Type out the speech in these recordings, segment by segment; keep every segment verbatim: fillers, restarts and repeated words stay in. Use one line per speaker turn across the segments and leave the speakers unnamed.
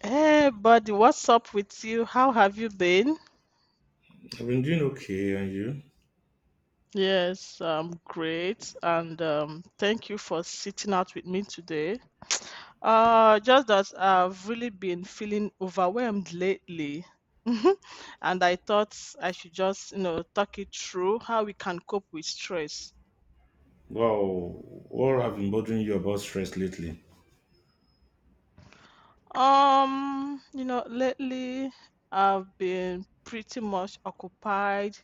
Hey, buddy, what's up with you? How have you been?
I've been doing okay, and you?
Yes, um, great, and um, thank you for sitting out with me today. Uh, just that I've really been feeling overwhelmed lately, and I thought I should just, you know, talk it through how we can cope with stress.
Wow, what have been bothering you about stress lately?
Um, you know, lately I've been pretty much occupied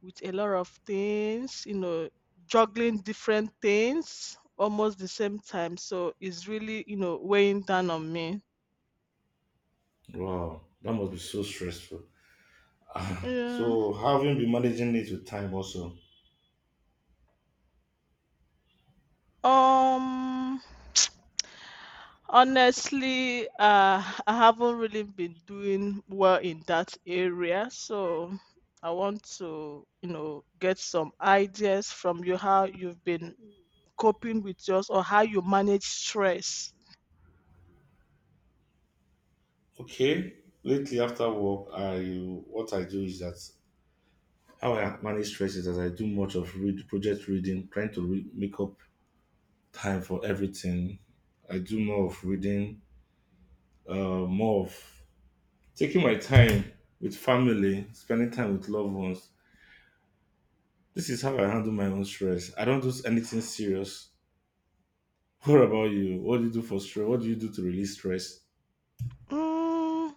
with a lot of things, you know, juggling different things almost the same time. So it's really, you know, weighing down on me.
Wow, that must be so stressful. Ah, so, how have you been managing it with time also?
Um, Honestly, uh, I haven't really been doing well in that area, so I want to, you know, get some ideas from you how you've been coping with yours or how you manage stress.
Okay, lately after work, I what I do is that how I manage stress is that I do much of read project reading, trying to re- make up time for everything. I do more of reading, uh, more of taking my time with family, spending time with loved ones. This is how I handle my own stress. I don't do anything serious. What about you? What do you do for stress? What do you do to release stress?
Mm.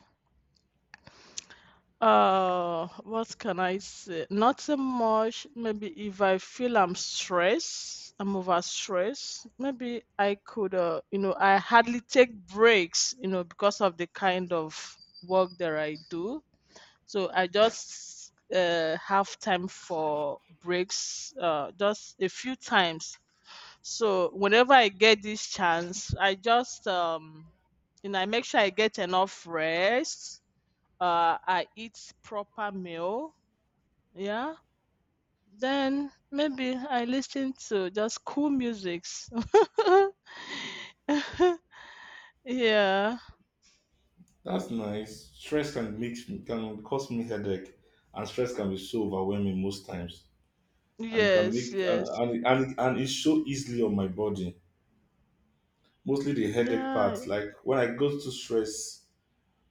Uh, what can I say? Not so much. Maybe if I feel I'm stressed, I'm over stressed, maybe I could, uh, you know, I hardly take breaks, you know, because of the kind of work that I do. So I just uh, have time for breaks, uh, just a few times. So whenever I get this chance, I just, um, you know, I make sure I get enough rest, uh, I eat proper meal, yeah, then maybe I listen to just cool musics. Yeah,
That's nice. Stress can make me can cause me headache, and stress can be so overwhelming most times, and can
yes,
make and
yes,
and, and and it's so easily on my body. Mostly the headache
yeah,
part. Like when I go to stress,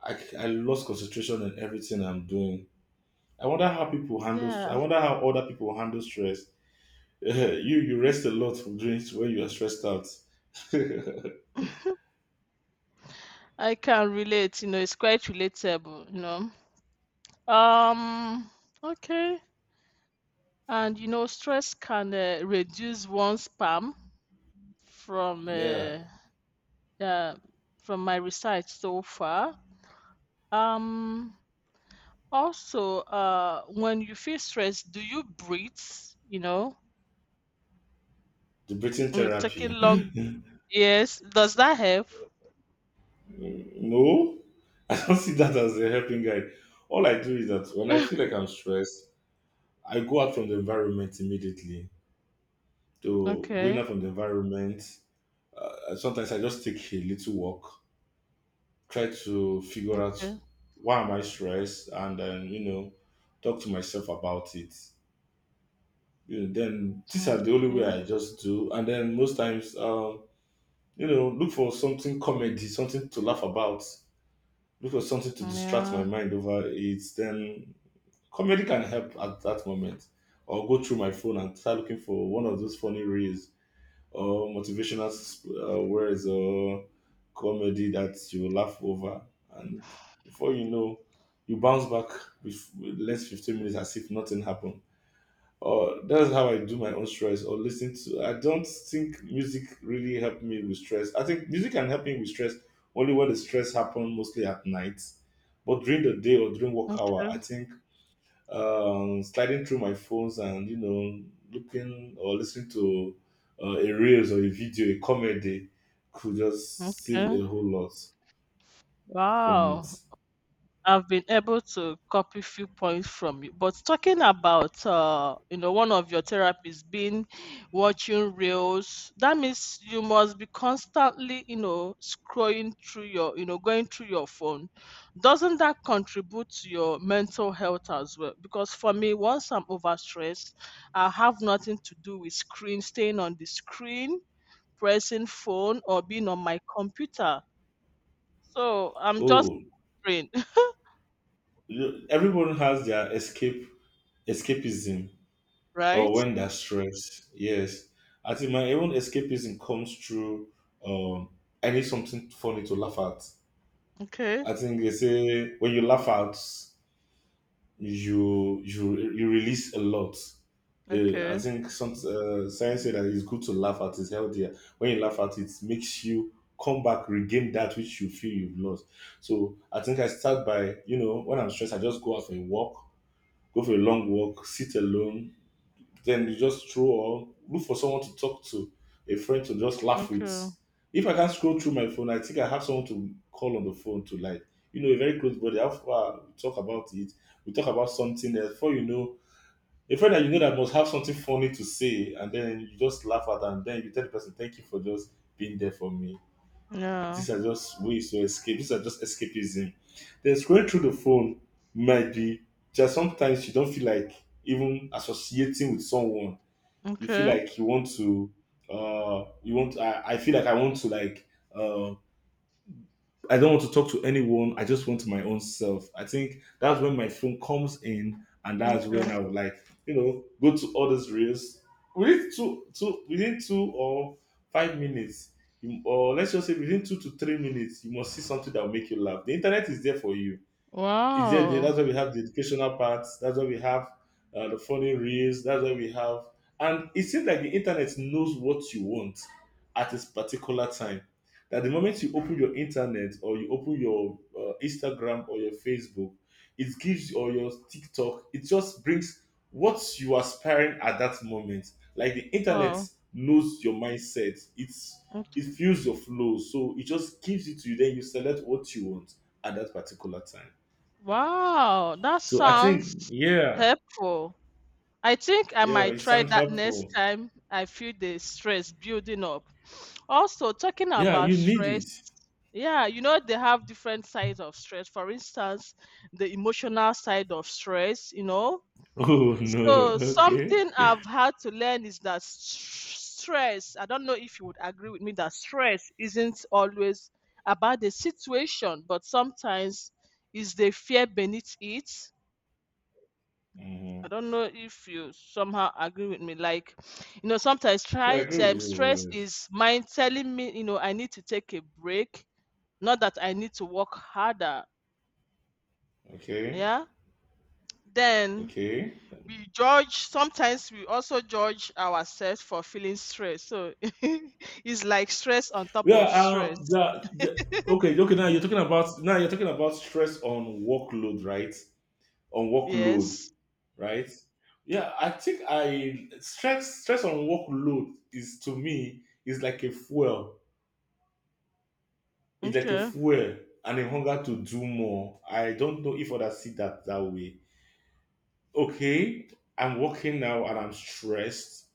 I I lost concentration in everything I'm doing. I wonder how people handle.
yeah.
I wonder how other people handle stress. Yeah, you you rest a lot from drinks when you are stressed out.
I can relate, you know, it's quite relatable, you know. Um, okay. And you know, stress can uh, reduce one's spam from
Yeah,
uh, uh, from my research so far. Um, Also, uh, when you feel stressed, do you breathe? You know,
the breathing
uh, taking
therapy.
long. Yes, does that help?
No, I don't see that as a helping guide. All I do is that when I feel like I'm stressed, I go out from the environment immediately. So going
Okay.
out from the environment, uh, sometimes I just take a little walk, try to figure out
Okay.
why am I stressed, and then you know, talk to myself about it. You know, then these are the only way
Okay.
I just do, and then most times. Um, You know, look for something comedy, something to laugh about. Look for something to distract
Yeah.
my mind over it. Then comedy can help at that moment. Or go through my phone and start looking for one of those funny reels or motivational uh, words or comedy that you laugh over. And before you know, you bounce back with with less fifteen minutes as if nothing happened. Or that's how I do my own stress or listen to. I don't think music really helped me with stress. I think music can help me with stress only when the stress happens mostly at night. But during the day or during work hour, I
Okay.
think um, sliding through my phones and you know looking or listening to uh, a reels or a video, a comedy could just save
Okay.
a whole lot from it.
Wow. I've been able to copy few points from you. But talking about uh, you know, one of your therapies being watching reels, that means you must be constantly, you know, scrolling through your, you know, going through your phone. Doesn't that contribute to your mental health as well? Because for me, once I'm overstressed, I have nothing to do with screen, staying on the screen, pressing phone, or being on my computer. So I'm just
Oh,
brain,
you- everyone has their escape escapism or
right?
when they're stressed. Yes, I think my own escapism comes through. Um, I need something funny to laugh at.
Okay.
I think they say when you laugh out, you you you release a lot. Yeah, I
Okay,
think some uh, science say that it's good to laugh at. It's healthier when you laugh at it makes you come back regain that which you feel you've lost. So I think I start by you know when I'm stressed I just go out for a walk, go for a long walk, sit alone, then you just throw or look for someone to talk to, a friend to just laugh with.
okay,
If I can't scroll through my phone, I think I have someone to call on the phone to like, you know, a very close buddy. How far we talk about it, we talk about something else. Before you know, a friend that you know that must have something funny to say, and then you just laugh at, and then you tell the person, "Thank you for just being there for me."
yeah,
These are just ways to escape. These are just escapism. Then scrolling through the phone might be just sometimes you don't feel like even associating with someone you feel
okay,
like you want to uh you want I, I feel like I want to like uh I don't want to talk to anyone. I just want my own self. I think that's when my phone comes in and that's when
okay.
I would like, you know, go to all these reels. Within two two within two or five minutes, you, or let's just say within two to three minutes, you must see something that will make you laugh. The internet is there for you. It's just the That's
Wow,
why we have the educational parts, that's why we have uh, the funny reels, that's why we have, and it seems like the internet knows what you want at this particular time, that the moment you open your internet or you open your uh, Instagram or your Facebook, it gives, or your TikTok, it just brings what you are aspiring at that moment. Like the internet
wow,
knows your mindset, it's, it
okay.
feels your flow, so it just gives it to you, then you select what you want at that particular time.
Wow, that
So I think,
sounds
yeah,
helpful. I think I
yeah,
might
it
try
sounds
that next
helpful.
time I feel the stress building up. Also, talking
Yeah,
about
you need
stress,
it.
yeah, you know, they have different sides of stress. For instance, the emotional side of stress, you know,
Oh
so
no, okay.
something I've had to learn is that s- stress, I don't know if you would agree with me that stress isn't always about the situation, but sometimes is the fear beneath it.
Hmm.
I don't know if you somehow agree with me. Like, you know, sometimes
Yeah, I
try,
agree with
um,
you about
stress
that.
is mind telling me, you know, I need to take a break, not that I need to work harder.
Okay,
Yeah. Then
okay.
we judge sometimes we also judge ourselves for feeling stress, so it's like stress on top
Yeah,
of
uh,
stress.
the, the, okay, okay. Now you're talking about now you're talking about stress on workload, right? On workload,
Yes,
right? Yeah, I think I stress stress on workload is to me is like a fuel. It's like a
okay,
fuel and a hunger to do more. I don't know if others see that that way. Okay, I'm working now and I'm stressed.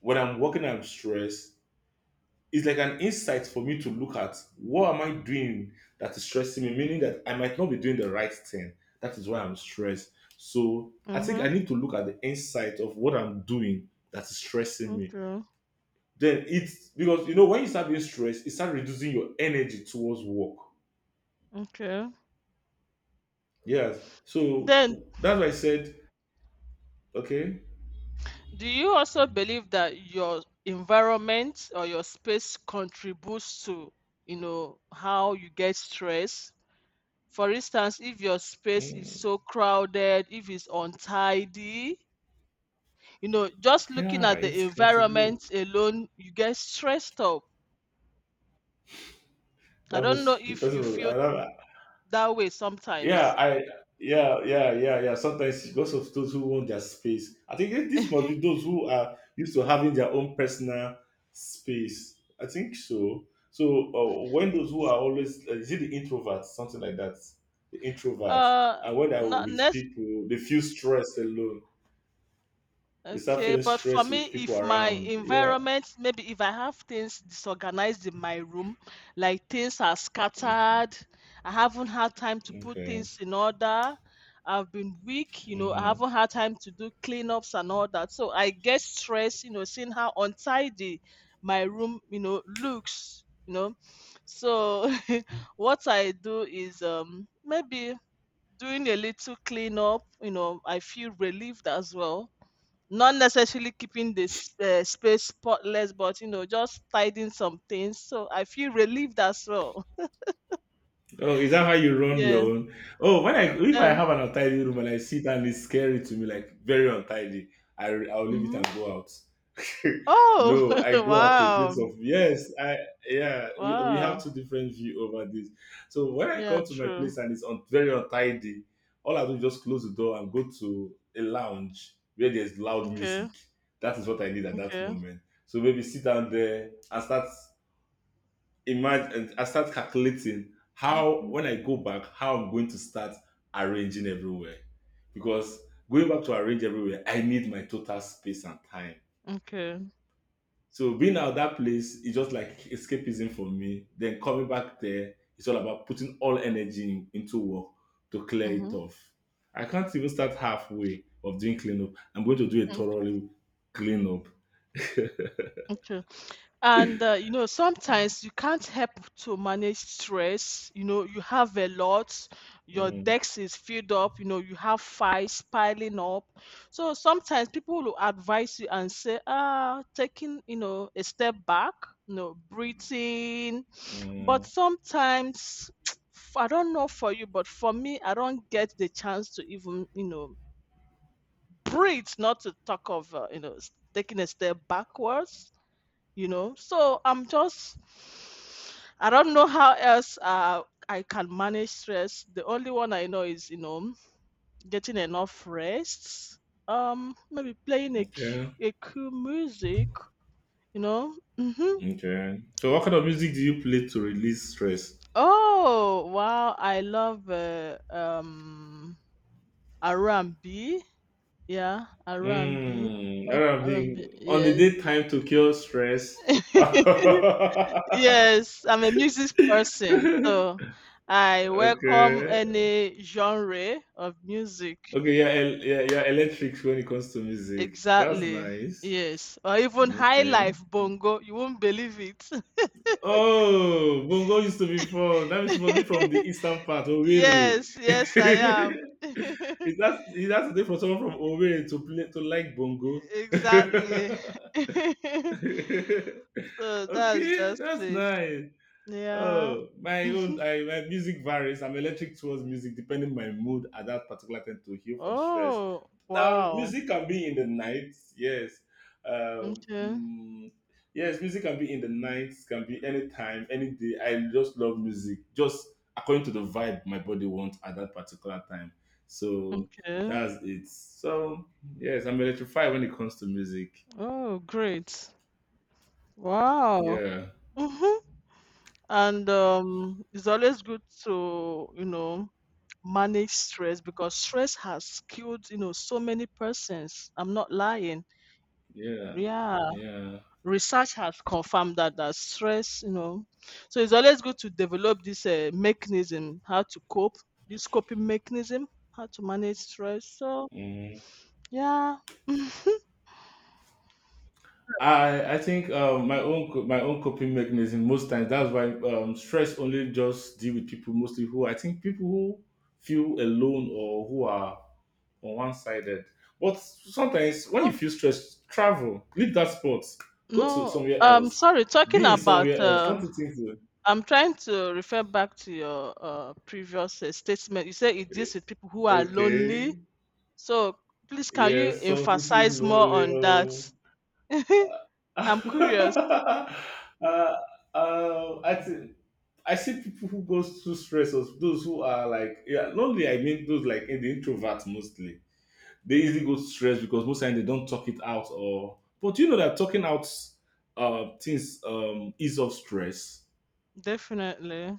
When I'm working, I'm stressed. It's like an insight for me to look at what am I doing that is stressing me, meaning that I might not be doing the right thing. That is why I'm stressed. So I think
mm-hmm,
I need to look at the insight of what I'm doing that is stressing me.
okay,
Then it's because you know when you start being stressed, it starts reducing your energy towards work.
okay.
Yes. So
Then
that's why I said, okay,
do you also believe that your environment or your space contributes to, you know how you get stress? For instance, if your space is
mm,
so crowded, if it's untidy, you know just looking
yeah,
at the
it's comfortable.
environment alone you get stressed up. I
That
don't know
was the
if you
person was
feel
I don't
that way
yeah,
sometimes.
I yeah, yeah, yeah, yeah. Sometimes because of those who want their space. I think this this must be those who are used to having their own personal space. I think so. So uh, when those who are always uh, is it the introverts, something like that, the introverts,
uh
and when
na.
I'm with people, they feel stressed alone. They start
Okay,
feeling
but for
stressed
me,
with people
if my
around. Yeah.
environment, maybe if I have things disorganized in my room, like things are scattered, I haven't had time to put
Okay.
things in order, I've been weak, you know, I
Hmm.
haven't had time to do cleanups and all that. So I get stressed, you know, seeing how untidy my room, you know, looks, you know. So what I do is um maybe doing a little cleanup, you know, I feel relieved as well, not necessarily keeping the s- uh, space spotless, but you know, just tidying some things. So I feel relieved as well.
Oh, is that how you run
Yeah.
your own? Oh, when I if I
Yeah.
have an untidy room and I sit and it's scary to me, like very untidy, I I'll leave it
Hmm.
and go out.
Oh,
No, I go out to a place
wow.
of yes, I yeah. We, we
Wow.
have two different view over this. So when I
Yeah,
come to my
true.
place and it's un, very untidy, all I do is just close the door and go to a lounge where there's loud
Okay.
music. That is what I need at that
Okay.
moment. So maybe sit down there and start imagine I start calculating how
Okay.
when I go back, how I'm going to start arranging everywhere. Because going back to arrange everywhere, I need my total space and time.
Okay.
So being out that place is just like escapism for me. Then coming back there, it's all about putting all energy in- into work to clear it
Mm-hmm.
off. I can't even start halfway of doing cleanup. I'm going to do a
Mm-hmm.
thoroughly cleanup.
Okay. And, uh, you know, sometimes you can't help to manage stress. You know, you have a lot, your
Mm,
desk is filled up, you know, you have files piling up. So sometimes people will advise you and say, ah, taking, you know, a step back, you know, breathing. But
mm,
sometimes, f- I don't know for you, but for me, I don't get the chance to even, you know, breathe, not to talk of, uh, you know, s- taking a step backwards, you know so I'm just, I don't know how else uh, I can manage stress. The only one I know is, you know getting enough rest, um maybe playing a, cu-
okay.
a cool music, you know hmm.
Okay. So, what kind of music do you play to release stress?
Oh, wow, I love uh, um R and B, yeah, R and B.
Hmm.
Love R and B,
R and B on the
yes.
daytime to cure stress. Okay.
Yes, I'm a music person, so I welcome any genre of music.
Okay. Yeah. el- Yeah. Yeah. Electric when it comes to music. That's
Exactly.
nice.
Yes, or even high
Okay.
life bongo. You won't believe it.
Oh, Bongo used to be fun. That means it must be from the eastern part, Owerri.
Yes, yes, I am.
it has it has to be for someone from Owerri to play to like Bongo?
Exactly. So that's
Okay,
just
that's
it.
nice.
Yeah.
Oh, my own
Mhm.
I, my music varies. I'm electric towards music depending on my mood at that particular time to heal from stress.
Oh,
Now,
wow.
music can be in the night, yes. Um,
Okay.
mm, yes, music can be in the night, can be anytime, any day. I just love music, just according to the vibe my body wants at that particular time. So
Okay.
that's it. So yes, I'm electrified when it comes to music.
Oh, great. Wow.
Yeah.
and um, it's always good to, you know manage stress, because stress has killed, you know so many persons, I'm not lying.
Yeah,
Yeah,
yeah.
research has confirmed that, that stress, you know so it's always good to develop this uh, mechanism, how to cope, this coping mechanism, how to manage stress, so
Mhm.
yeah. Oh
I I think uh, my own co- my own coping mechanism most times. That's why um, stress only just deal with people mostly who I think people who feel alone or who are on one sided. But sometimes when you feel stressed, travel, leave that spot, go to
no,
somewhere
um
else,
sorry, talking
be in
about
somewhere else.
uh
Something to
I'm trying to refer back to your uh, previous uh, statement. You said it deals with people who are lonely.
okay.
So please, can you
Yes, something feel
emphasize more
lonely.
on that?
Oh. uh,
I'm curious.
uh, I think I see people who goes through stressors. Those who are like, yeah, lonely. I mean, those like in the introverts mostly. They easily go stressed because most times they don't talk it out. Or but you know that talking out uh, things um, ease of stress.
Definitely.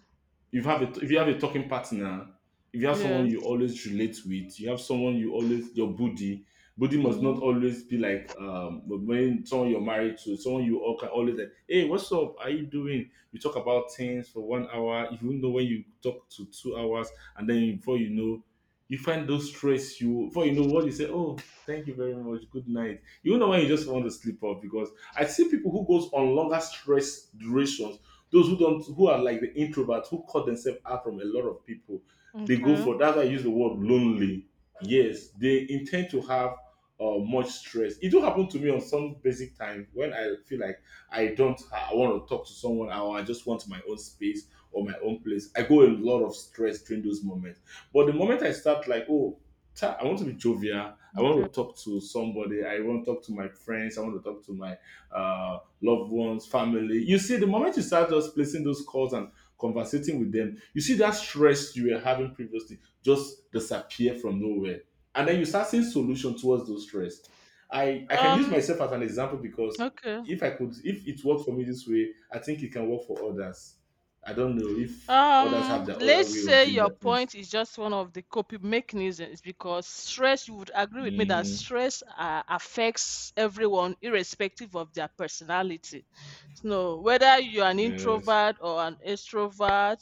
If you have a, if you have a talking partner, if you have someone you
Yes.
always relate with, you have someone you always your buddy. Buddy must not
Mm-hmm.
always be like um when someone you're married to, someone you all can always like, hey, what's up? How you doing? You talk about things for one hour, even though when you talk to two hours, and then before you know, you find those stress you before you know what you say, oh, thank you very much, good night. You know when you just want to sleep off because I see people who goes on longer stress durations, those who don't, who are like the introverts, who cut themselves out from a lot of people, they go
Okay.
for. That's why I use the word lonely. Yes, they intend to have uh, much stress. It do happen to me on some basic time when I feel like I don't, I want to talk to someone, or I just want my own space or my own place. I go a lot of stress during those moments. But the moment I start like, oh, ta- I want to be jovial. I
Okay.
want to talk to somebody. I want to talk to my friends. I want to talk to my uh, loved ones, family. You see, the moment you start just placing those calls and conversating with them, you see that stress you were having previously just disappear from nowhere. And then you start seeing solution towards those stress. I, I can use
Um.
myself as an example because
Okay.
if I could, if it worked for me this way, I think it can work for others. I don't know if others have
Um,
their other
let's
way of
say
doing
your
their things.
point is just one of the coping mechanisms, because stress, you would agree with me that
Hmm.
stress uh, affects everyone irrespective of their personality. So, whether you're an
Yes.
introvert or an extrovert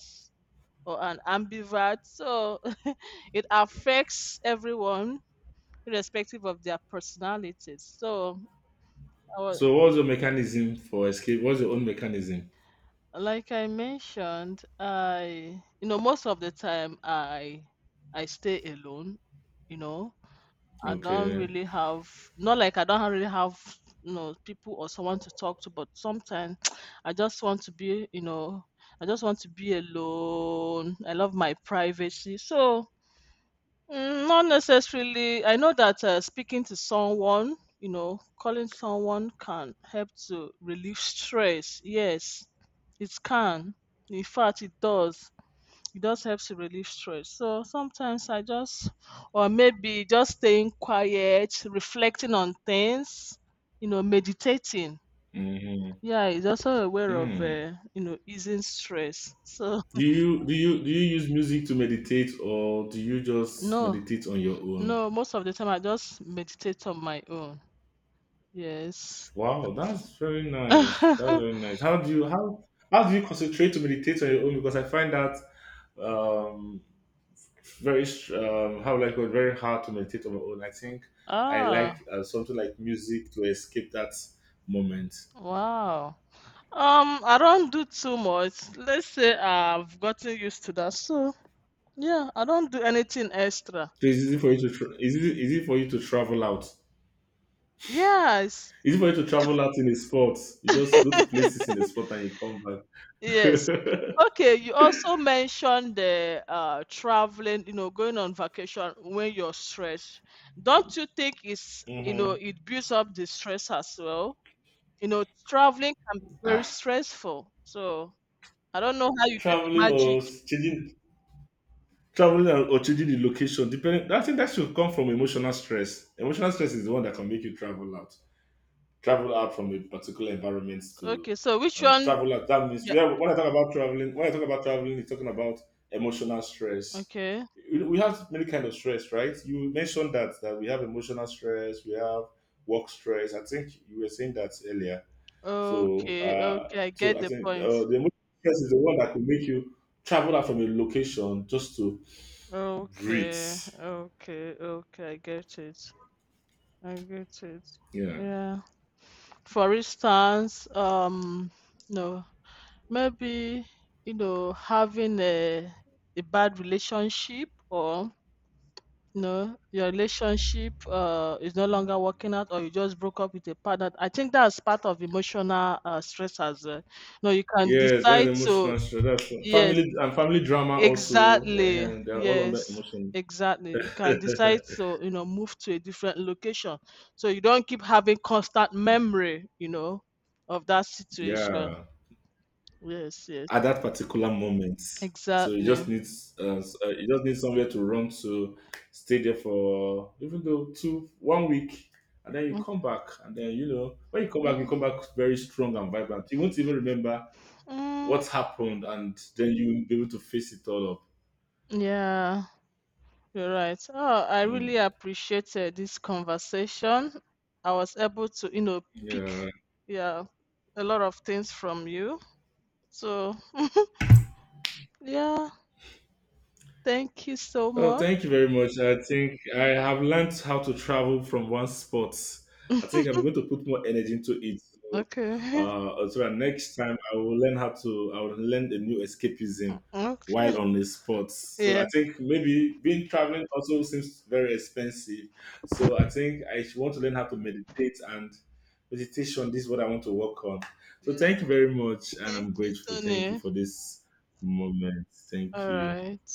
or an ambivert, so it affects everyone irrespective of their personalities. So, I was,
So what's your mechanism for escape? What's your own mechanism?
like I mentioned, I, you know most of the time I I stay alone. You know, I don't
Okay.
really have, not like I don't really have, you know people or someone to talk to, but sometimes I just want to be, you know I just want to be alone. I love my privacy, so mm, not necessarily. I know that uh, speaking to someone, you know, calling someone can help to relieve stress. Yes, it can. In fact, it does. It does help to relieve stress. So sometimes I just, or maybe just staying quiet, reflecting on things, you know, meditating.
Mm-hmm.
Yeah, it's also aware of, uh, you know, easing stress. So
Do you do you do you use music to meditate or do you just
no,
meditate on your own?
no, most of the time I just meditate on my own. Yes.
Wow, that's very nice. That's very nice. How do you how how do you concentrate to meditate on your own? Because I find that um very str- um how like very hard to meditate on my own. I think I
Oh,
like uh, something like music to escape that moment. So
wow. Um, I don't do too much. Let's say I've gotten used to that. So, yeah, I don't do anything extra.
it's easy for you to tra- is it easy for you to travel out?
Yes.
Is it for you to travel out in a spot? You just go to places in a spot and you come back.
Yes. Okay, you also mentioned the uh traveling, you know, going on vacation when you're stressed. Don't you think it's, you know,
Mhm.
it builds up the stress as well? You know, traveling can be very
Ah,
stressful. So, I don't know how you do
traveling
the,
or changing traveling and- or changing the location, depending. I think that should come from emotional stress. Emotional stress is the one that can make you travel out travel out from a particular environment
S-
to
okay, so which
uh,
one?
travel out. That means
Yeah.
we have, when I talk about traveling when I talk about traveling it's talking about emotional stress.
Okay.
We we have many kind of stress, right? You mentioned that that we have emotional stress, we have work stress. I think you were saying that earlier. So,
Okay.
uh,
Okay. I
so
get
I
the
think uh,
point.
the emotional stress is the one that could make you travel out from a location just to breathe.
Okay. Okay. Okay. I get it. I get it.
Yeah.
Yeah. For instance, um, no, maybe you know having a a bad relationship or you know your relationship uh is no longer working out, or you just broke up with a partner. I think that's part of emotional uh, stress as well. No, you can
Yes, that's
decide to,
emotional stress. That's
yes,
family and family drama also.
exactly.
Eh, they're all under
Yes,
emotion.
exactly. You can decide to, you know, move to a different location, so you don't keep having constant memory, you know, of that situation.
Yeah,
Yes, yes.
at that particular moment. So you just
Exactly.
need uh, s- uh, you just need somewhere to run to, stay there for even though two one week, and then you
Mm,
come back, and then you know when you come back, you come back very strong and vibrant. You won't even remember
mm,
what's happened and then you will be able to face it all up.
yeah, you're right. Oh, I really
Mm.
appreciated this conversation. I was able to, you know, pick,
Yeah.
yeah, a lot of things from you. So, yeah, thank you so
Oh,
much.
thank you very much. I think I have learned how to travel from one spot. I think I'm going to put more energy into it. So,
Okay.
uh, so that next time I will learn how to. I will learn a new escapism
Okay.
while on the spot. So I
Yeah.
think maybe being traveling also seems very expensive. So I think I should want to learn how to meditate and meditation. This is what I want to work on.
Yeah.
So thank you very much, and
Thank
I'm
you,
grateful. Thank you
Tony.
for this moment.
All
Thank you.
right.